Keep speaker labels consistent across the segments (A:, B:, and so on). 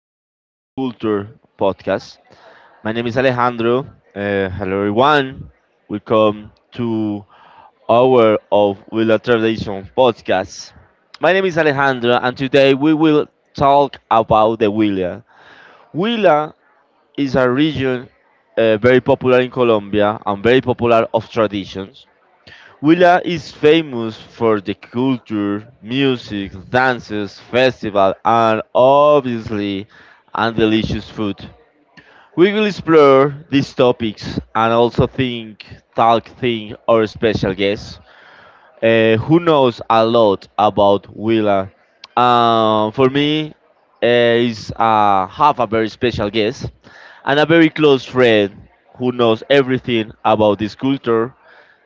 A: South Culture podcast. My name is Alejandro. Hello, everyone. Welcome to our of Willa Tradition podcast. My name is Alejandro, and today we will talk about the Huila. Huila is a region very popular in Colombia and very popular of traditions. Huila is famous for the culture, music, dances, festival, and obviously, and delicious food. We will explore these topics and also think, talk, think our special guest, who knows a lot about Willa. For me, is have a very special guest and a very close friend who knows everything about this culture.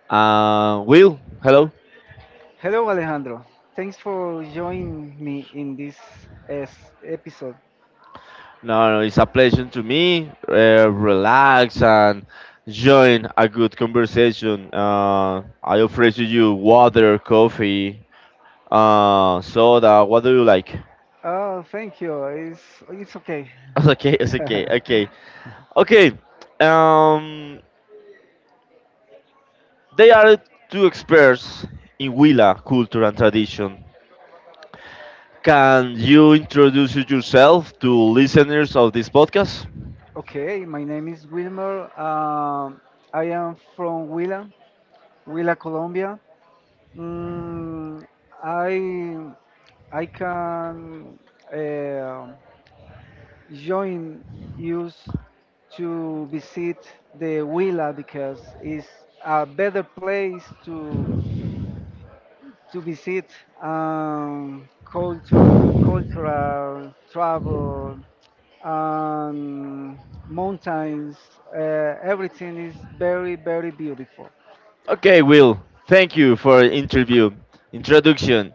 A: Will, hello.
B: Hello, Alejandro. Thanks for joining me in this episode.
A: No, no, it's a pleasure to me. Relax and join a good conversation. I offer to you water, coffee, soda. What do you like?
B: Oh, thank you. It's okay.
A: Okay, it's okay, okay, okay. Um, they are two experts in Huila culture and tradition. Can you introduce yourself to listeners of this podcast?
B: Okay, my name is Wilmer. I am from Huila, Huila, Colombia. Mm, I I can um join you to visit the Huila because it's a better place to visit culture, cultural travel, um, mountains. Uh, Everything is very, very beautiful.
A: Okay, Will. Thank you for interview introduction.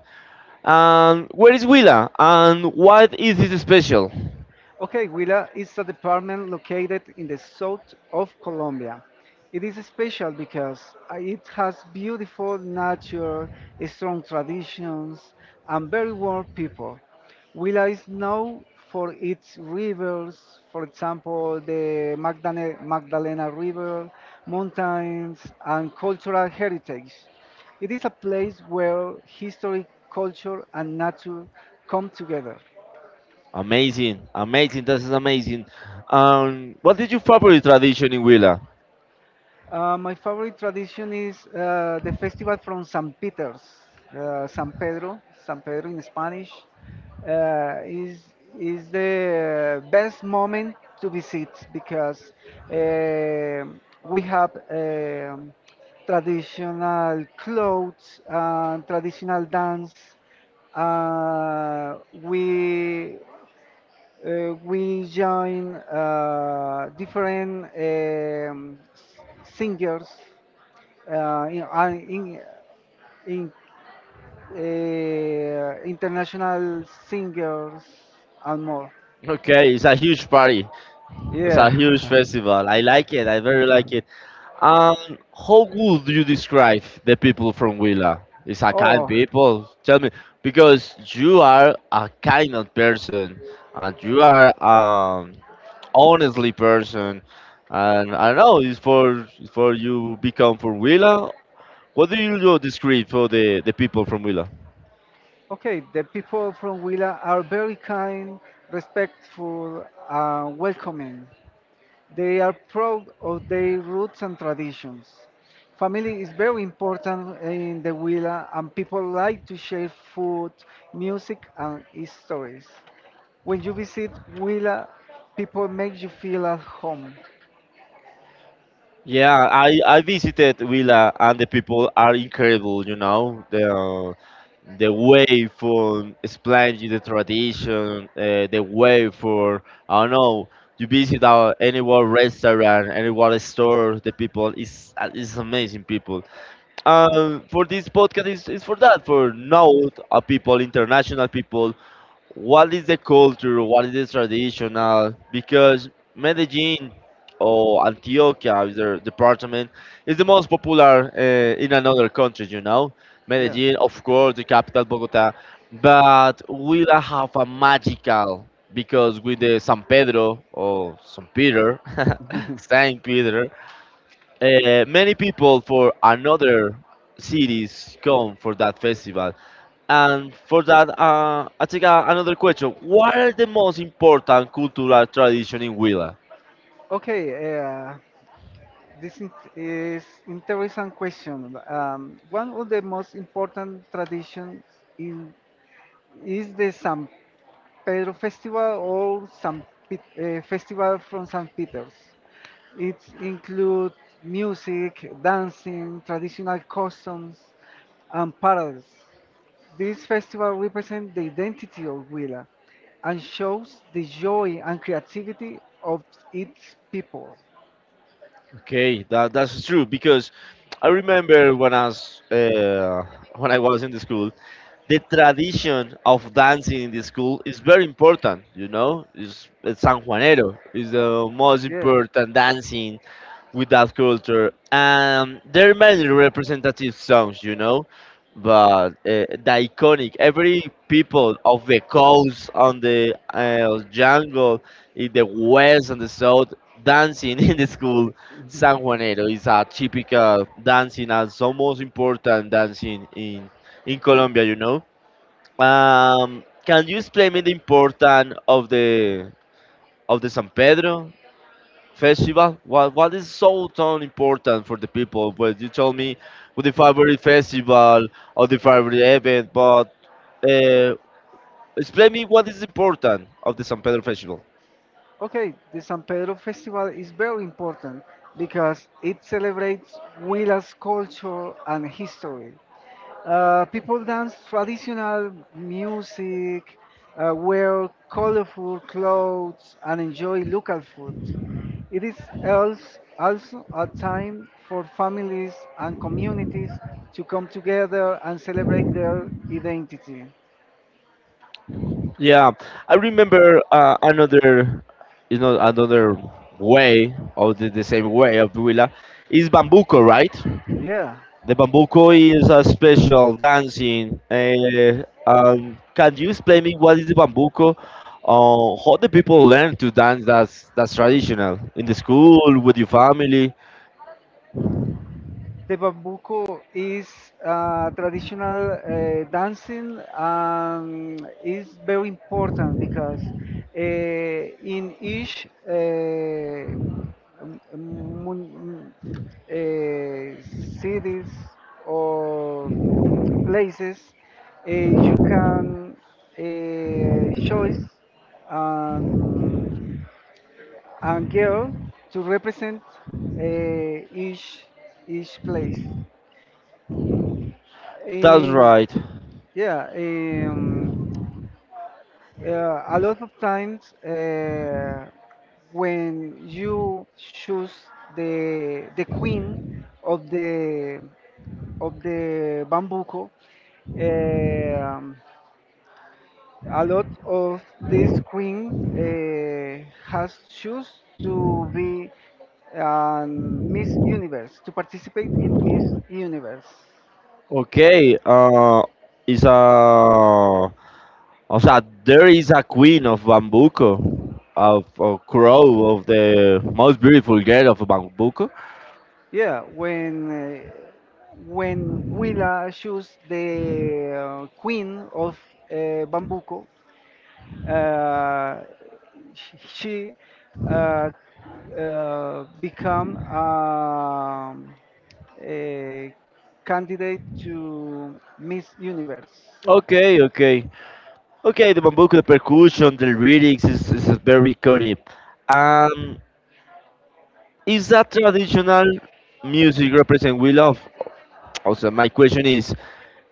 A: And where is Willa? And what is this special?
B: Okay, Huila is a department located in the south of Colombia. It is special because it has beautiful nature, strong traditions, and very warm people. Huila is known for its rivers, for example, the Magdalena, Magdalena River, mountains, and cultural heritage. It is a place where history, culture, and nature come together.
A: Amazing, amazing, this is amazing. What is your favorite tradition in Willa?
B: My favorite tradition is the festival from San Peter's, San Pedro, San Pedro in Spanish. Uh, is is the best moment to visit because we have traditional clothes and traditional dance. Uh, we we join different singers uh, in, uh, in, in international singers and more.
A: Okay, it's a huge party. It's yeah, a huge
B: Yeah.
A: festival. I like it. I very like it. Um, how would you describe the people from Willa? It's a kind
B: Oh,
A: people. Tell me, because you are a kind of person, and you are honestly person, and I don't know. It's for you become from Huila. What do you do describe for the people from Huila?
B: okay. The people from Willa are very kind, respectful, and welcoming. They are proud of their roots and traditions. Family is very important in the villa, and people like to share food, music, and stories. When you visit Huila, people make you feel at home.
A: Yeah, I visited Huila and the people are incredible. You know the way for explaining the tradition, the way for I don't know. You visit our any one restaurant, any one store. The people is amazing people. For this podcast is for that, for know people, international people, what is the culture, what is the traditional, because Medellin or Antioquia, is their department, is the most popular in another country, you know. Medellin, of course, the capital, Bogota, but we la have a magical, because with the San Pedro or San Peter, Saint Peter, many people for another cities come for that festival. And for that, I take a, another question. What are the most important cultural tradition in Huila?
B: Okay. This is interesting question. One of the most important traditions in, is the San Pedro Festival or Festival from St. Peter's. It includes music, dancing, traditional customs, and parades. This festival represents the identity of Huila and shows the joy and creativity of its people.
A: Okay, that, that's true because I remember when I was in the school, the tradition of dancing in the school is very important. You know, it's San Juanero is the most
B: Yeah.
A: important dancing with that culture. There are many representative songs, you know, but the iconic, every people of the coast, on the jungle, in the west and the south, dancing in the school. San Juanero is a typical dancing as the most important dancing in Colombia, you know. Can you explain me the importance of the San Pedro festival? What is so important for the people? Well, you told me with the favorite festival or the favorite event, but uh, explain me what is important of the San Pedro Festival.
B: Okay, the San Pedro Festival is very important because it celebrates Huilas culture and history. People dance traditional music, wear colorful clothes, and enjoy local food. It is also a time for families and communities to come together and celebrate their identity.
A: Yeah, I remember another, you know, another way of the same way of Vila is Bambuco, right?
B: Yeah.
A: The bambuco is a special dancing. Can you explain me what is the bambuco? How the people learn to dance that's traditional in the school with your family.
B: The bambuco is traditional dancing and is very important because in each mun- uh, cities or places you can choose and, and girl to represent uh, each each place.
A: That's
B: Um,
A: right.
B: yeah, um, a lot of times when you choose the queen of the bambuco, um, a lot of these queens has choose to be Miss Universe to participate in Miss Universe.
A: Okay. Is a o sea, there is a queen of bambuco, of a crow of the most beautiful girl of bambuco.
B: Yeah, when Willa shoots the queen of Bambuco, uh, she uh, become a candidate to Miss Universe.
A: Okay. Okay. Okay, the bambuco, the percussion, the lyrics is very iconic. Um, is that traditional music represent we love? Also, my question is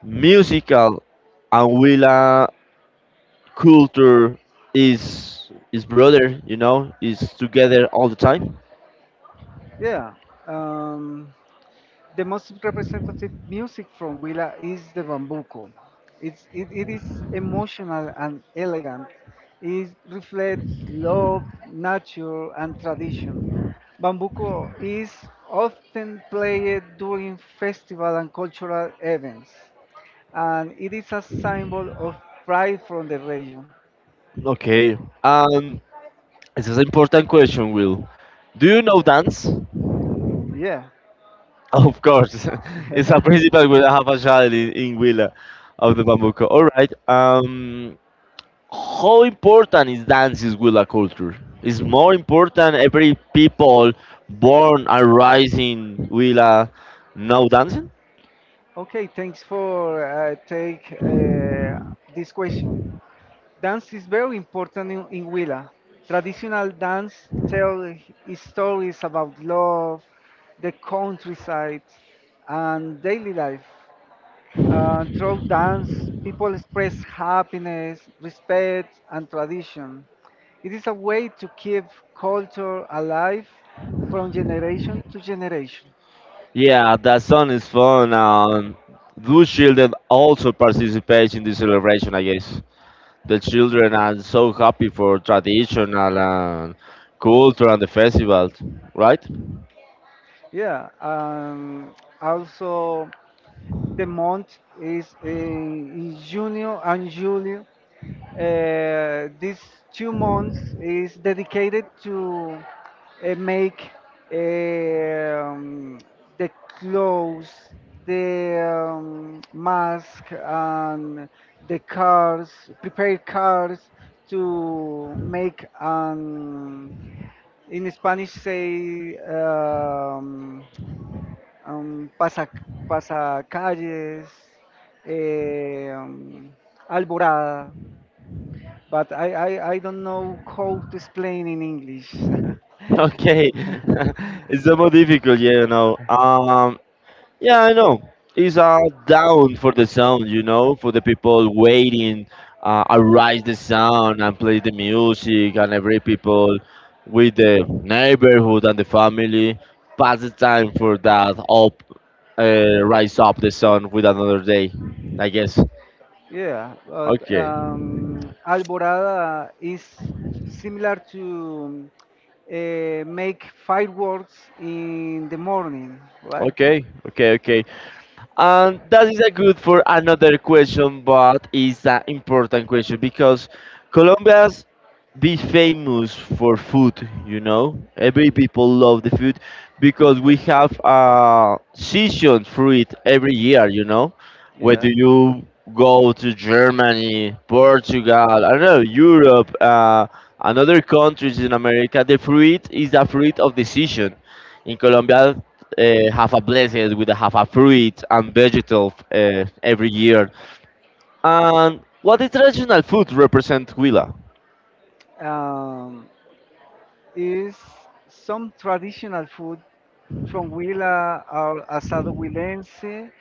A: musical and Willa culture is brother, you know, is together all the time.
B: Yeah. Um, The most representative music from Huila is the bambuco. It is emotional and elegant. It reflects love, nature, and tradition. Bambuco is often played during festival and cultural events, and it is a symbol of pride from the region.
A: Okay, um, this is an important question, Will. Do you know dance?
B: Yeah.
A: Of course, it's a principle we have a child in Willa of the bambuco. All right, um. How important is dance with a culture? It's more important every people born and rising with a no dancing?
B: Okay, thanks for take this question. Dance is very important in Huila. Traditional dance tell stories about love, the countryside, and daily life. Through dance, people express happiness, respect, and tradition. It is a way to keep culture alive from generation to generation.
A: Yeah, that song is fun. Those children also participate in the celebration, I guess. The children are so happy for traditional and culture and the festival, right?
B: Yeah, also the month is in Junio and July. These two months is dedicated to make um, the clothes, the mask, and the cars, prepared cars to make an, in Spanish say, am, pasa, pasacalles, eh, um, alborada. But I don't know how to explain in English.
A: Okay, it's so more difficult, yeah, you know. Yeah, I know. It's down for the sound, you know, for the people waiting, arise the sound and play the music, and every people with the neighborhood and the family pass the time for that up, rise up the sun with another day, I guess.
B: yeah, but
A: Okay,
B: alborada is similar to make fireworks in the morning, right?
A: okay, okay, okay. And that is a good for another question, but it's an important question because Colombia's be famous for food. You know, every people love the food because we have a season for it every year. You know,
B: Yeah.
A: whether you go to Germany, Portugal, I don't know, Europe, and other countries in America, the fruit is a fruit of the season. In Colombia, have a blessed with a have a fruit and vegetable every year. And what the traditional food represent Huila?
B: Um, is some traditional food from Huila, our asado huilense,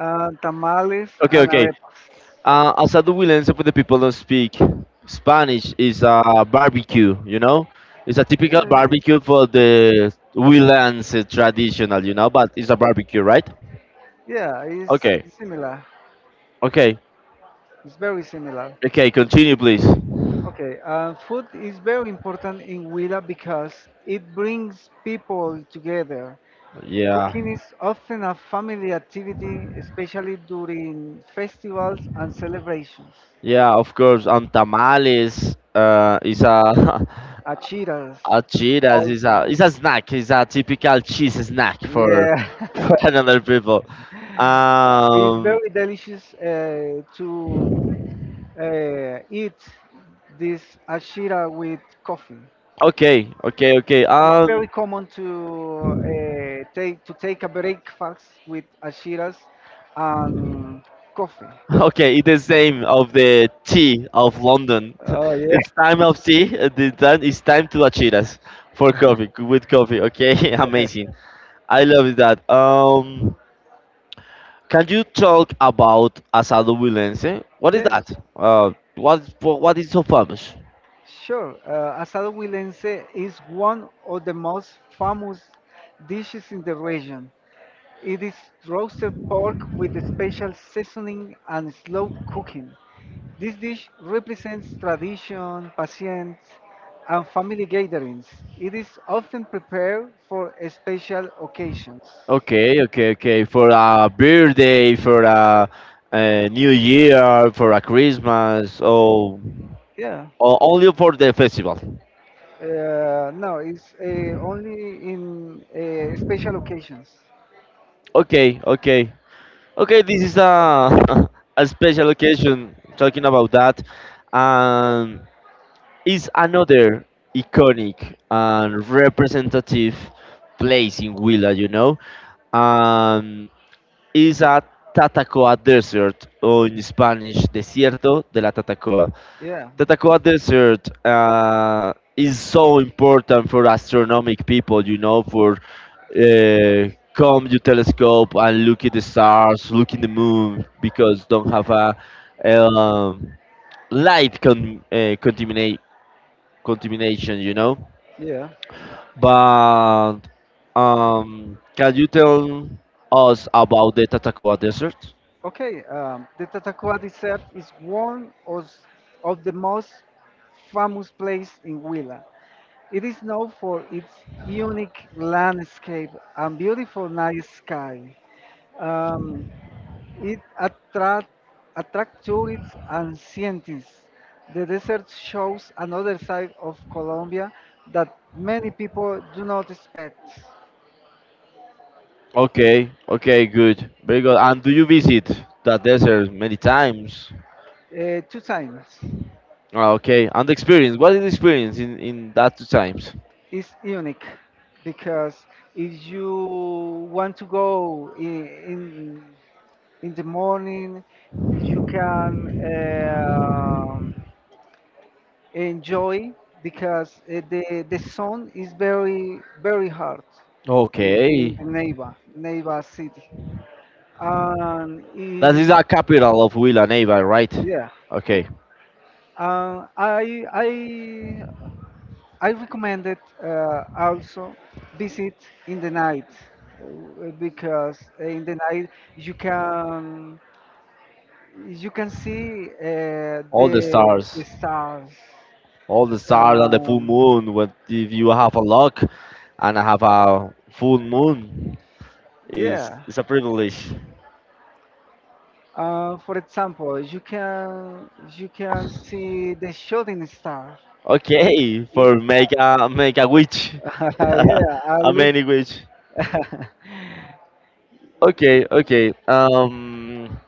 B: tamales
A: Okay,
B: and
A: okay.
B: arepas.
A: As a Huilense for the people who speak Spanish is a barbecue. You know, it's a typical
B: Yeah, it's,
A: barbecue for the Huilense traditional. You know, but it's a barbecue, right?
B: yeah, it's
A: Okay,
B: similar.
A: okay,
B: It's very similar.
A: okay. Continue, please.
B: Okay, food is very important in Huila because it brings people together. Cooking
A: Yeah,
B: is often a family activity, especially during festivals and celebrations.
A: yeah, of course. And tamales is a
B: Achiras,
A: a Cheetos is a
B: also.
A: it's a snack. It's a typical cheese snack for
B: Yeah,
A: for another people.
B: it's
A: Um.
B: very delicious to eat this ashira with coffee.
A: Okay. Okay. Okay.
B: It's very common to take a breakfast with ashiras and coffee.
A: Okay. It's the same of the tea of London.
B: Oh yeah.
A: It's time of tea. The time it's time to a Cheetos for coffee with coffee. Okay. Amazing. I love that. Can you talk about asado Wilense? What is
B: Yes,
A: that? Uh. What is so famous?
B: sure. Asado huilense is one of the most famous dishes in the region. It is roasted pork with a special seasoning and slow cooking. This dish represents tradition, patience, and family gatherings. It is often prepared for special occasions.
A: Okay, okay, okay. For a birthday, for a New Year, for a Christmas,
B: Yeah,
A: or only for the festival.
B: no, it's only in special occasions.
A: Okay, okay, okay. This is a a special occasion talking about that, and it's another iconic and representative place in Huila. You know, um, is a Tatacoa Desert, or in Spanish, Desierto de la Tatacoa.
B: Yeah,
A: The Taqua Desert is so important for astronomic people, you know, for come your telescope and look at the stars, look in the moon, because don't have a, um, light contamination, you know.
B: yeah.
A: But can you tell us about the Tatacoa Desert?
B: Okay, the Tatacoa dessert is one of the most famous place in Huila. It is known for its unique landscape and beautiful night sky. Um, it attract tourists and scientists. The desert shows another side of Colombia that many people do not expect.
A: Okay, okay, good, very good. And do you visit that desert many times?
B: Two times
A: Ah, okay, and the experience. What is the experience in that two times?
B: is unique because if you want to go in the morning, you can enjoy because the sun is very very hard in
A: Okay,
B: the neighbor city and
A: that
B: it,
A: is a capital of Villanueva, right?
B: yeah
A: Okay,
B: uh, I I I recommended also visit in the night because in the night you can you can see
A: all the
B: the
A: stars,
B: stars
A: all the stars and the full
B: um,
A: moon. What if you have a luck and have a full moon?
B: yeah.
A: Is a privilege.
B: For example, you can see the shooting star.
A: Okay,
B: Ye-
A: for make a make a witch,
B: yeah, I
A: a
B: look.
A: many witch. Okay, okay.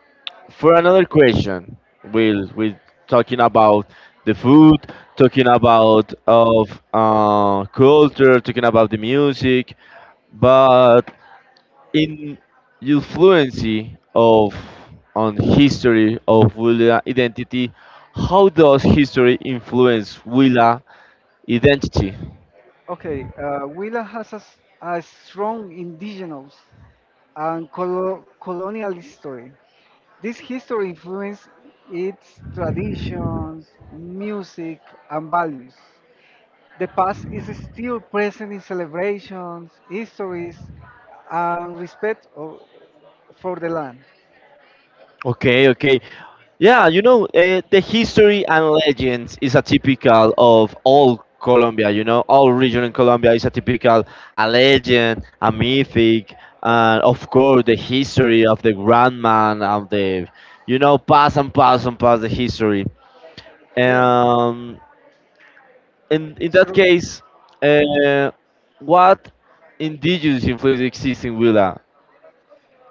A: For another question we're talking about the food talking about of culture talking about the music but in your fluency of on history of Willa identity, how does history influence Willa identity?
B: okay, Huila has a strong indigenous and colonial history. This history influences its traditions, music, and values. The past is still present in celebrations, histories, and respect for the land.
A: Okay, okay. Yeah, you know, the history and legends is a typical of all Colombia, you know, all region in Colombia is a typical a legend, a mythic, and of course the history of the grand man of the you know, pass and pass and pass the history.
B: Yeah.
A: Um, in
B: It's
A: that
B: true.
A: case, uh, what indigenous influence exists in Willa?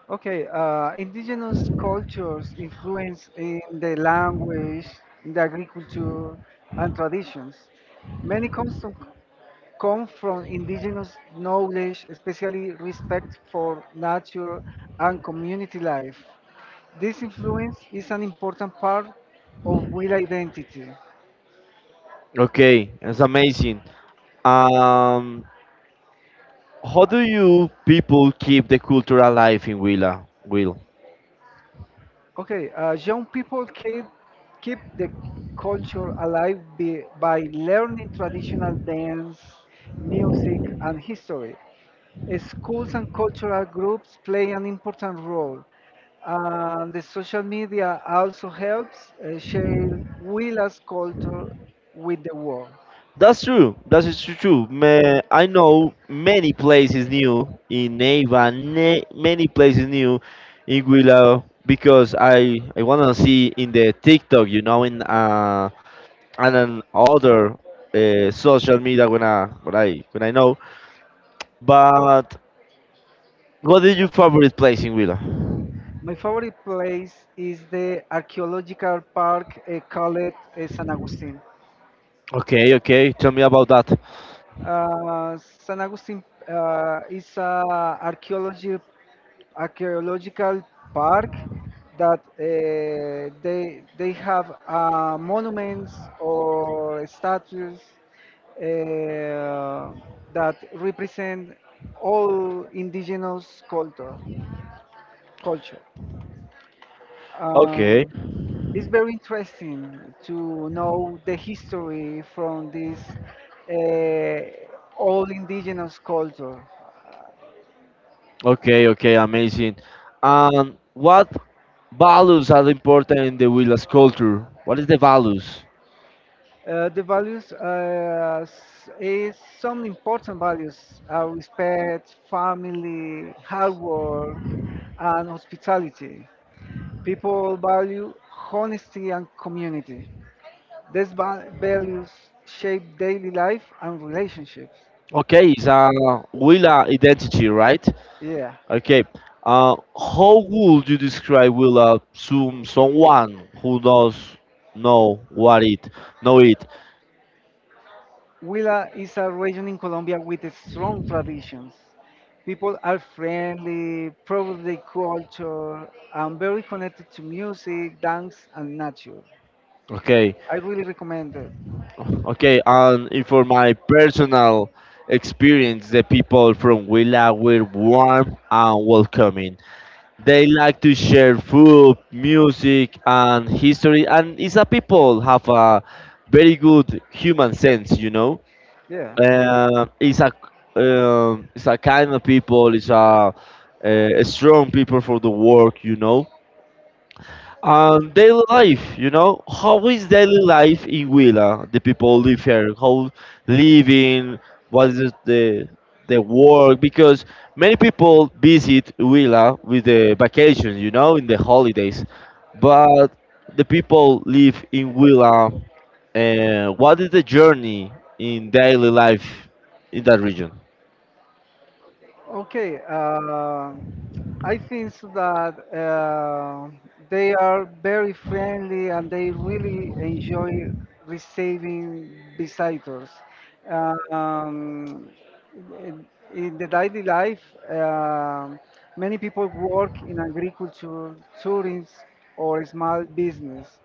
B: Okay, indigenous cultures influence in the language, in the agriculture, and traditions. Many customs come from indigenous knowledge, especially respect for nature and community life. This influence is an important part of will identity.
A: Okay, that's amazing. Um, how do you people keep the culture alive in Willa? Will,
B: Okay, young people keep the culture alive by learning traditional dance, music, and history. Schools and cultural groups play an important role. The social media also helps share Willa's culture with the world.
A: that's true. That is tru- true. Ma- I know many places new in Neiva, ne- many places new in Willa because I wanna see in the TikTok, you know, in and on other social media when I when I know. But what is your favorite place in Willa?
B: My favorite place is the archaeological park called San Agustin.
A: Okay, okay. Tell me about that.
B: San Agustin is a archaeology archaeological park that they have monuments or statues uh, that represent all indigenous culture.
A: Okay.
B: Um, it's very interesting to know the history from this uh, all indigenous culture.
A: Okay, okay, amazing. And what values are important in the Huila's culture? What is the values?
B: The values s- is some important values are respect, family, hard work, and hospitality. People value honesty and community. These values shape daily life and relationships.
A: Okay, it's a Willa identity, right?
B: Yeah.
A: Okay. How would you describe Willa to someone who does know what it know it?
B: Huila is a region in Colombia with strong traditions. People are friendly, proud of their culture, and very connected to music, dance, and nature.
A: Okay,
B: I really recommend it.
A: okay. And if for my personal experience, the people from Willa were warm and welcoming. They like to share food, music, and history, and it's a people have a very good human sense, you know.
B: Yeah.
A: It's a it's a kind of people. It's uh, a strong people for the work, you know. Daily life, you know, how is daily life in Huila? The people live here, how living, what is the work? Because many people visit Huila with the vacation, you know, in the holidays, but the people live in Huila. What is the journey in daily life in that region?
B: Okay, I think so that they are very friendly and they really enjoy receiving visitors. Um, in the daily life, um many people work in agriculture, tourism, or small business.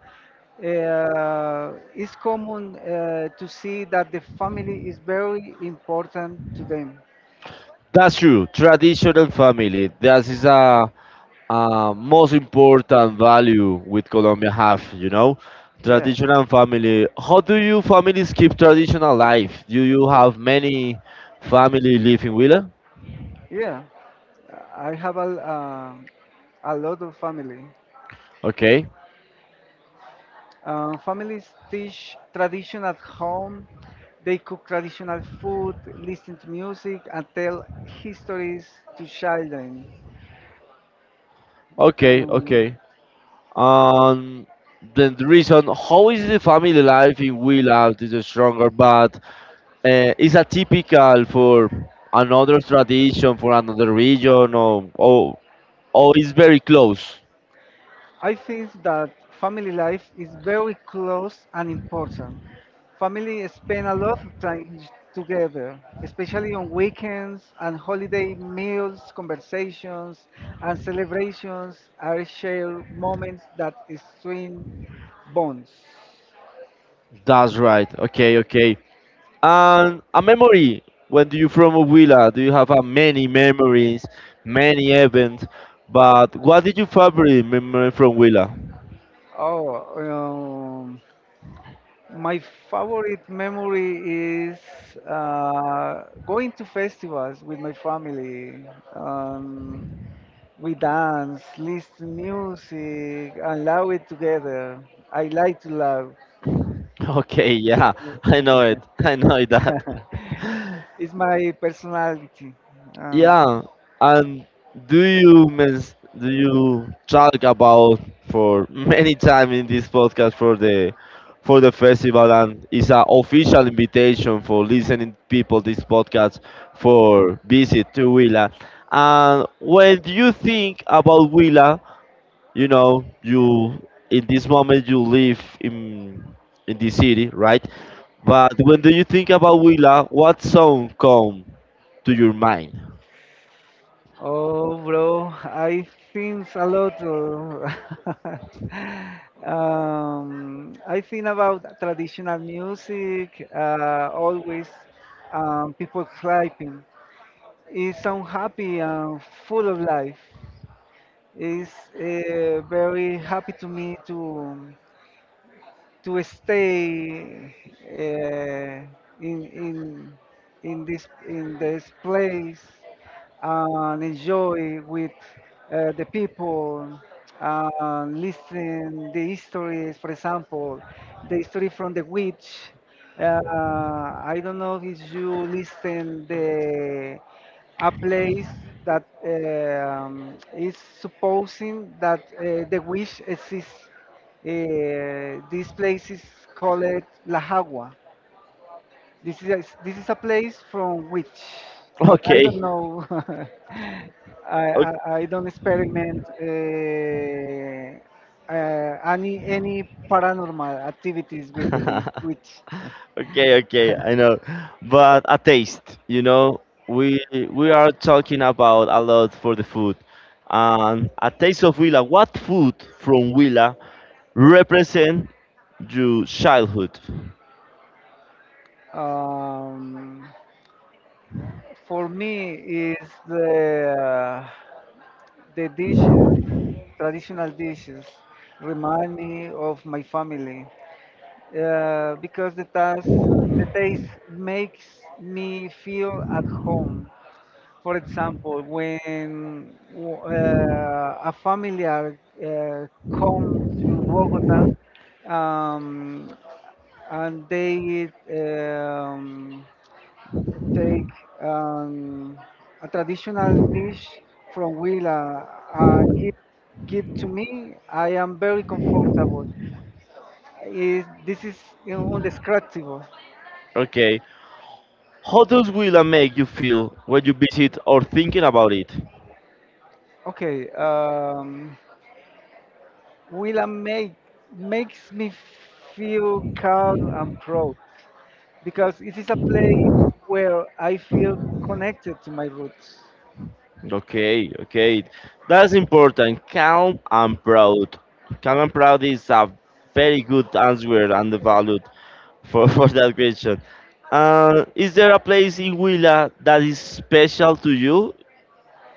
B: It's common to see that the family is very important to them.
A: That's true. Traditional family. That is a most important value with Colombia have, you know,
B: Yeah.
A: tradition and family. How do you families keep traditional life? Do you have many family live in Huila?
B: Yeah, I have a lot of family.
A: Okay,
B: Families teach tradition at home. They cook traditional food, listen to music, and tell histories to children.
A: okay,
B: Um,
A: okay. Um, then the reason how is the family life in Huila is stronger, but is a typical for another tradition for another region or is very close.
B: I think that family life is very close and important. Family spend a lot of time together, especially on weekends and holiday meals, conversations, and celebrations are shared moments that strengthen bonds.
A: That's right. Okay, okay. And a memory. When do you from Huila? Do you have many memories, many events? But what did you favorite memory from Huila?
B: Oh, my favorite memory is going to festivals with my family. Um, We dance, listen music, and love it together. I like to love.
A: Okay, yeah, I know it. I know that.
B: It's my personality. Um,
A: Yeah, and do you do you talk about for many time in this podcast for the festival and it's an official invitation for listening people this podcast for visit to Willa. And when you think about Willa, you know you in this moment you live in the city, right? But when do you think about Willa, what song come to your mind?
B: oh, bro, I think a lot. I think about traditional music. Always, people clapping. It's so happy and full of life. It's very happy to me to stay uh, in this place and enjoy with the people and listen the histories, for example the history from the witch. I don't know if you listen the a place that is supposing that the witch exists. This place is called La Jagua. This is a place from which, but I don't
A: Okay.
B: know. I,
A: O-
B: I, I don't experiment any paranormal activities with the witch.
A: Okay, okay, I know. But a taste, you know, we we are talking about a lot for the food. And a taste of Huila, what food from Huila represent your childhood?
B: Um, for me, is the dishes, traditional dishes, remind me of my family because the taste makes me feel at home. For example, when a familiar come to Bogota um, and they take um, a traditional dish from Huila and give to me, I am very comfortable. It, this is you know, indescribable.
A: Okay. How does Huila make you feel when you visit or thinking about it?
B: Okay, Willa makes me feel calm and proud because it is a place where I feel connected to my roots.
A: Okay, okay. That's important. Calm and proud. Calm and proud is a very good answer and valued for, for that question. Is there a place in Huila that is special to you?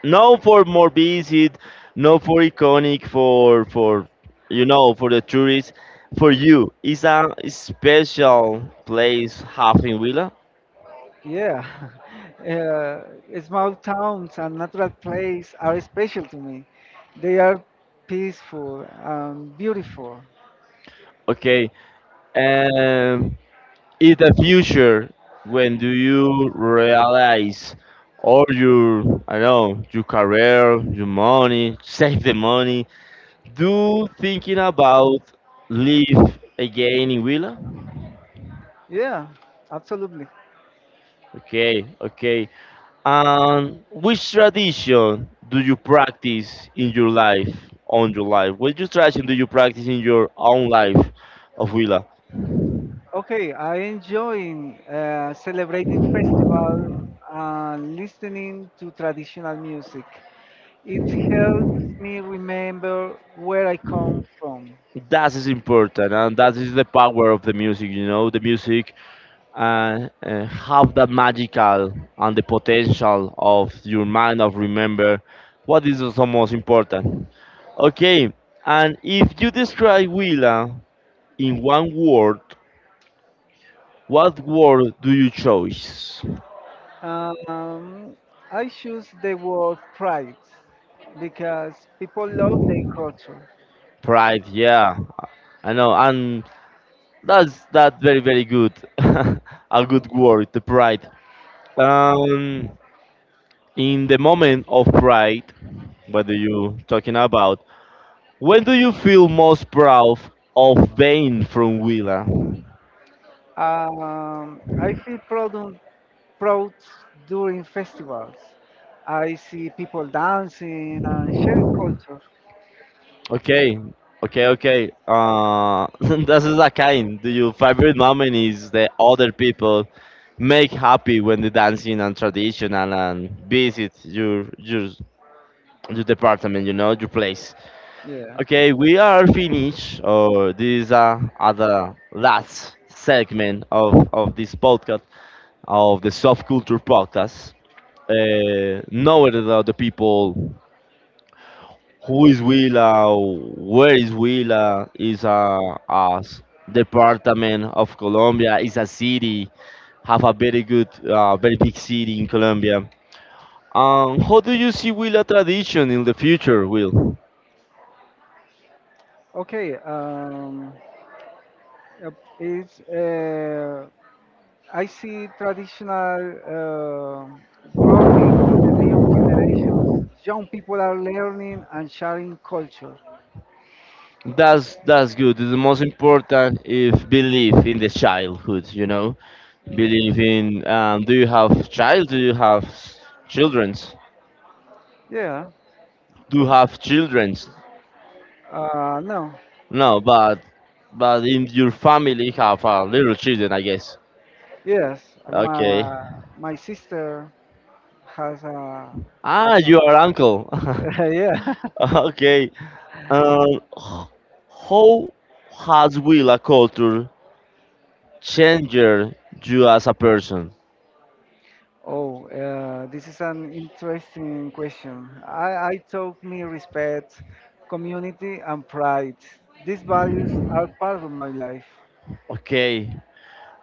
A: No for more visit, no for iconic, for you know, for the tourists. For you, is a special place half in Huila?
B: Yeah, small towns and natural places are special to me. They are peaceful and beautiful.
A: Okay. Um, in the future when do you realize all your I don't know your career your money save the money do thinking about live again in Willa?
B: Yeah, absolutely.
A: Okay, okay, and which tradition do you practice in your life on your life which tradition do you practice in your own life of Willa?
B: Okay, I enjoy celebrating festival and listening to traditional music. It helps me remember where I come from.
A: That is important and that is the power of the music you know the music and have that magical and the potential of your mind of remember what is the most important. Okay, and if you describe Willa in one word, what word do you choose?
B: Um, I choose the word pride because people love their culture.
A: Pride, yeah, I know, and that's that very very good, a good word, the pride. Um, in the moment of pride, what are you talking about? When do you feel most proud of being from Willa?
B: I feel proud during festivals. I see people dancing and sharing culture.
A: Okay, okay, okay. This is a kind. Do your favorite moment is the other people make happy when they dancing and traditional and visit your your department, you know, your place.
B: Yeah.
A: Okay, we are finished. Or these are other last segment of this podcast of the soft culture podcast. Knowing about the people. Who is Huila? Where is Huila? Is a s- department of Colombia. Is a city. Have a very good, very big city in Colombia. How do you see Huila tradition in the future, Will?
B: Okay, uh, it's, uh, I see traditional growing with the new generations. Young people are learning and sharing culture.
A: That's good. The most important is belief in the childhood. You know,
B: Yeah.
A: believe in. Do you have child? Do you have s- childrens?
B: Yeah.
A: Do you have childrens?
B: No.
A: No, but in your family have little children, I guess.
B: Yes, my
A: Okay.
B: my sister has a. has
A: Ah, you are uncle.
B: a yeah.
A: okay. Um, h- how has will a culture changed you as a person?
B: Oh, this is an interesting question. I taught me respect, community, and pride. These values are part of my life.
A: Okay.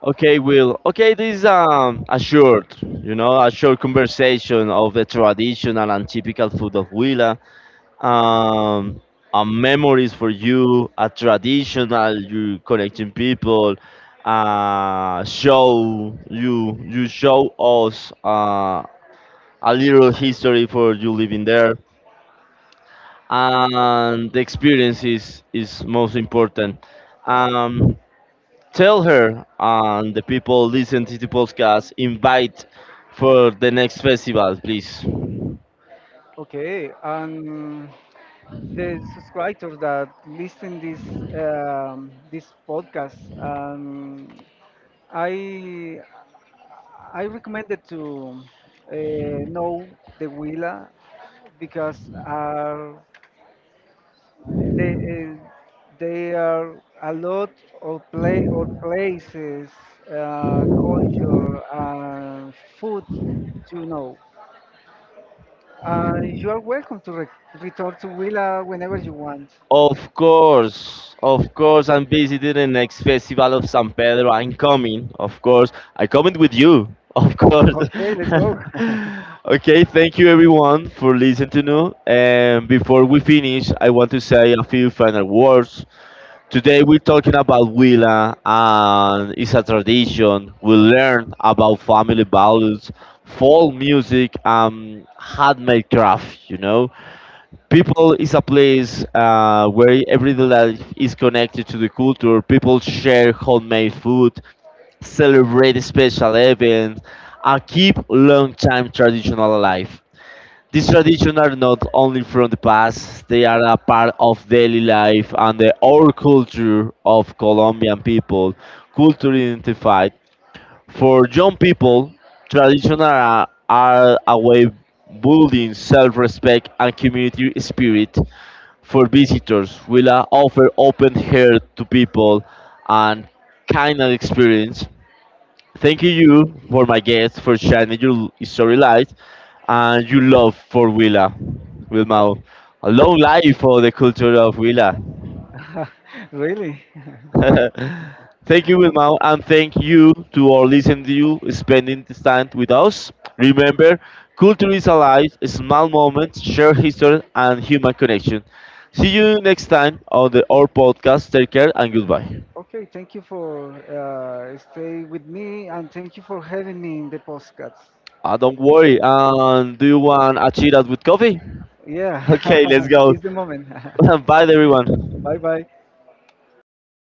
A: Okay, Will. Okay, this is a short, you know, a short conversation of the traditional and typical food of Will. um, a memories for you, a traditional you connecting people, show you you show us a little history for you living there, and the experience is most important. Um, Tell her and the people listen to the podcast invite for the next festival, please.
B: Okay, and the subscribers that listen this this podcast, I I recommended to uh, know the Willa because are they uh, they are a lot of play or places, culture, and food to know. You are welcome to return to Willa whenever you want.
A: Of course, I'm visiting the next festival of San Pedro. I'm coming, of course. I coming with you, of course.
B: Okay, let's go.
A: okay, thank you everyone for listening to me. And before we finish, I want to say a few final words. Today we're talking about Willa, and it's a tradition. We learn about family values, folk music, and handmade craft. You know, people is a place where everyday life is connected to the culture. People share homemade food, celebrate special events, and keep long-time traditional alive. These traditions are not only from the past; they are a part of daily life and the our culture of Colombian people. Culture identified for young people, traditions are a way building self-respect and community spirit for visitors, Willa offer open air to people and kindness experience. Thank you for my guest for shining your story light and your love for Willa. Wilma, a long life for the culture of Willa.
B: really?
A: thank you, Wilmau, and thank you to all listening to you spending this time with us. Remember, culture is alive, small moments, shared history, and human connection. See you next time on the our podcast. Take care and goodbye.
B: Okay, thank you for stay with me and thank you for having me in the podcast.
A: Don't worry. And do you want a cheetah with coffee?
B: Yeah,
A: Okay, let's go.
B: it's the moment.
A: Bye, everyone.
B: Bye bye.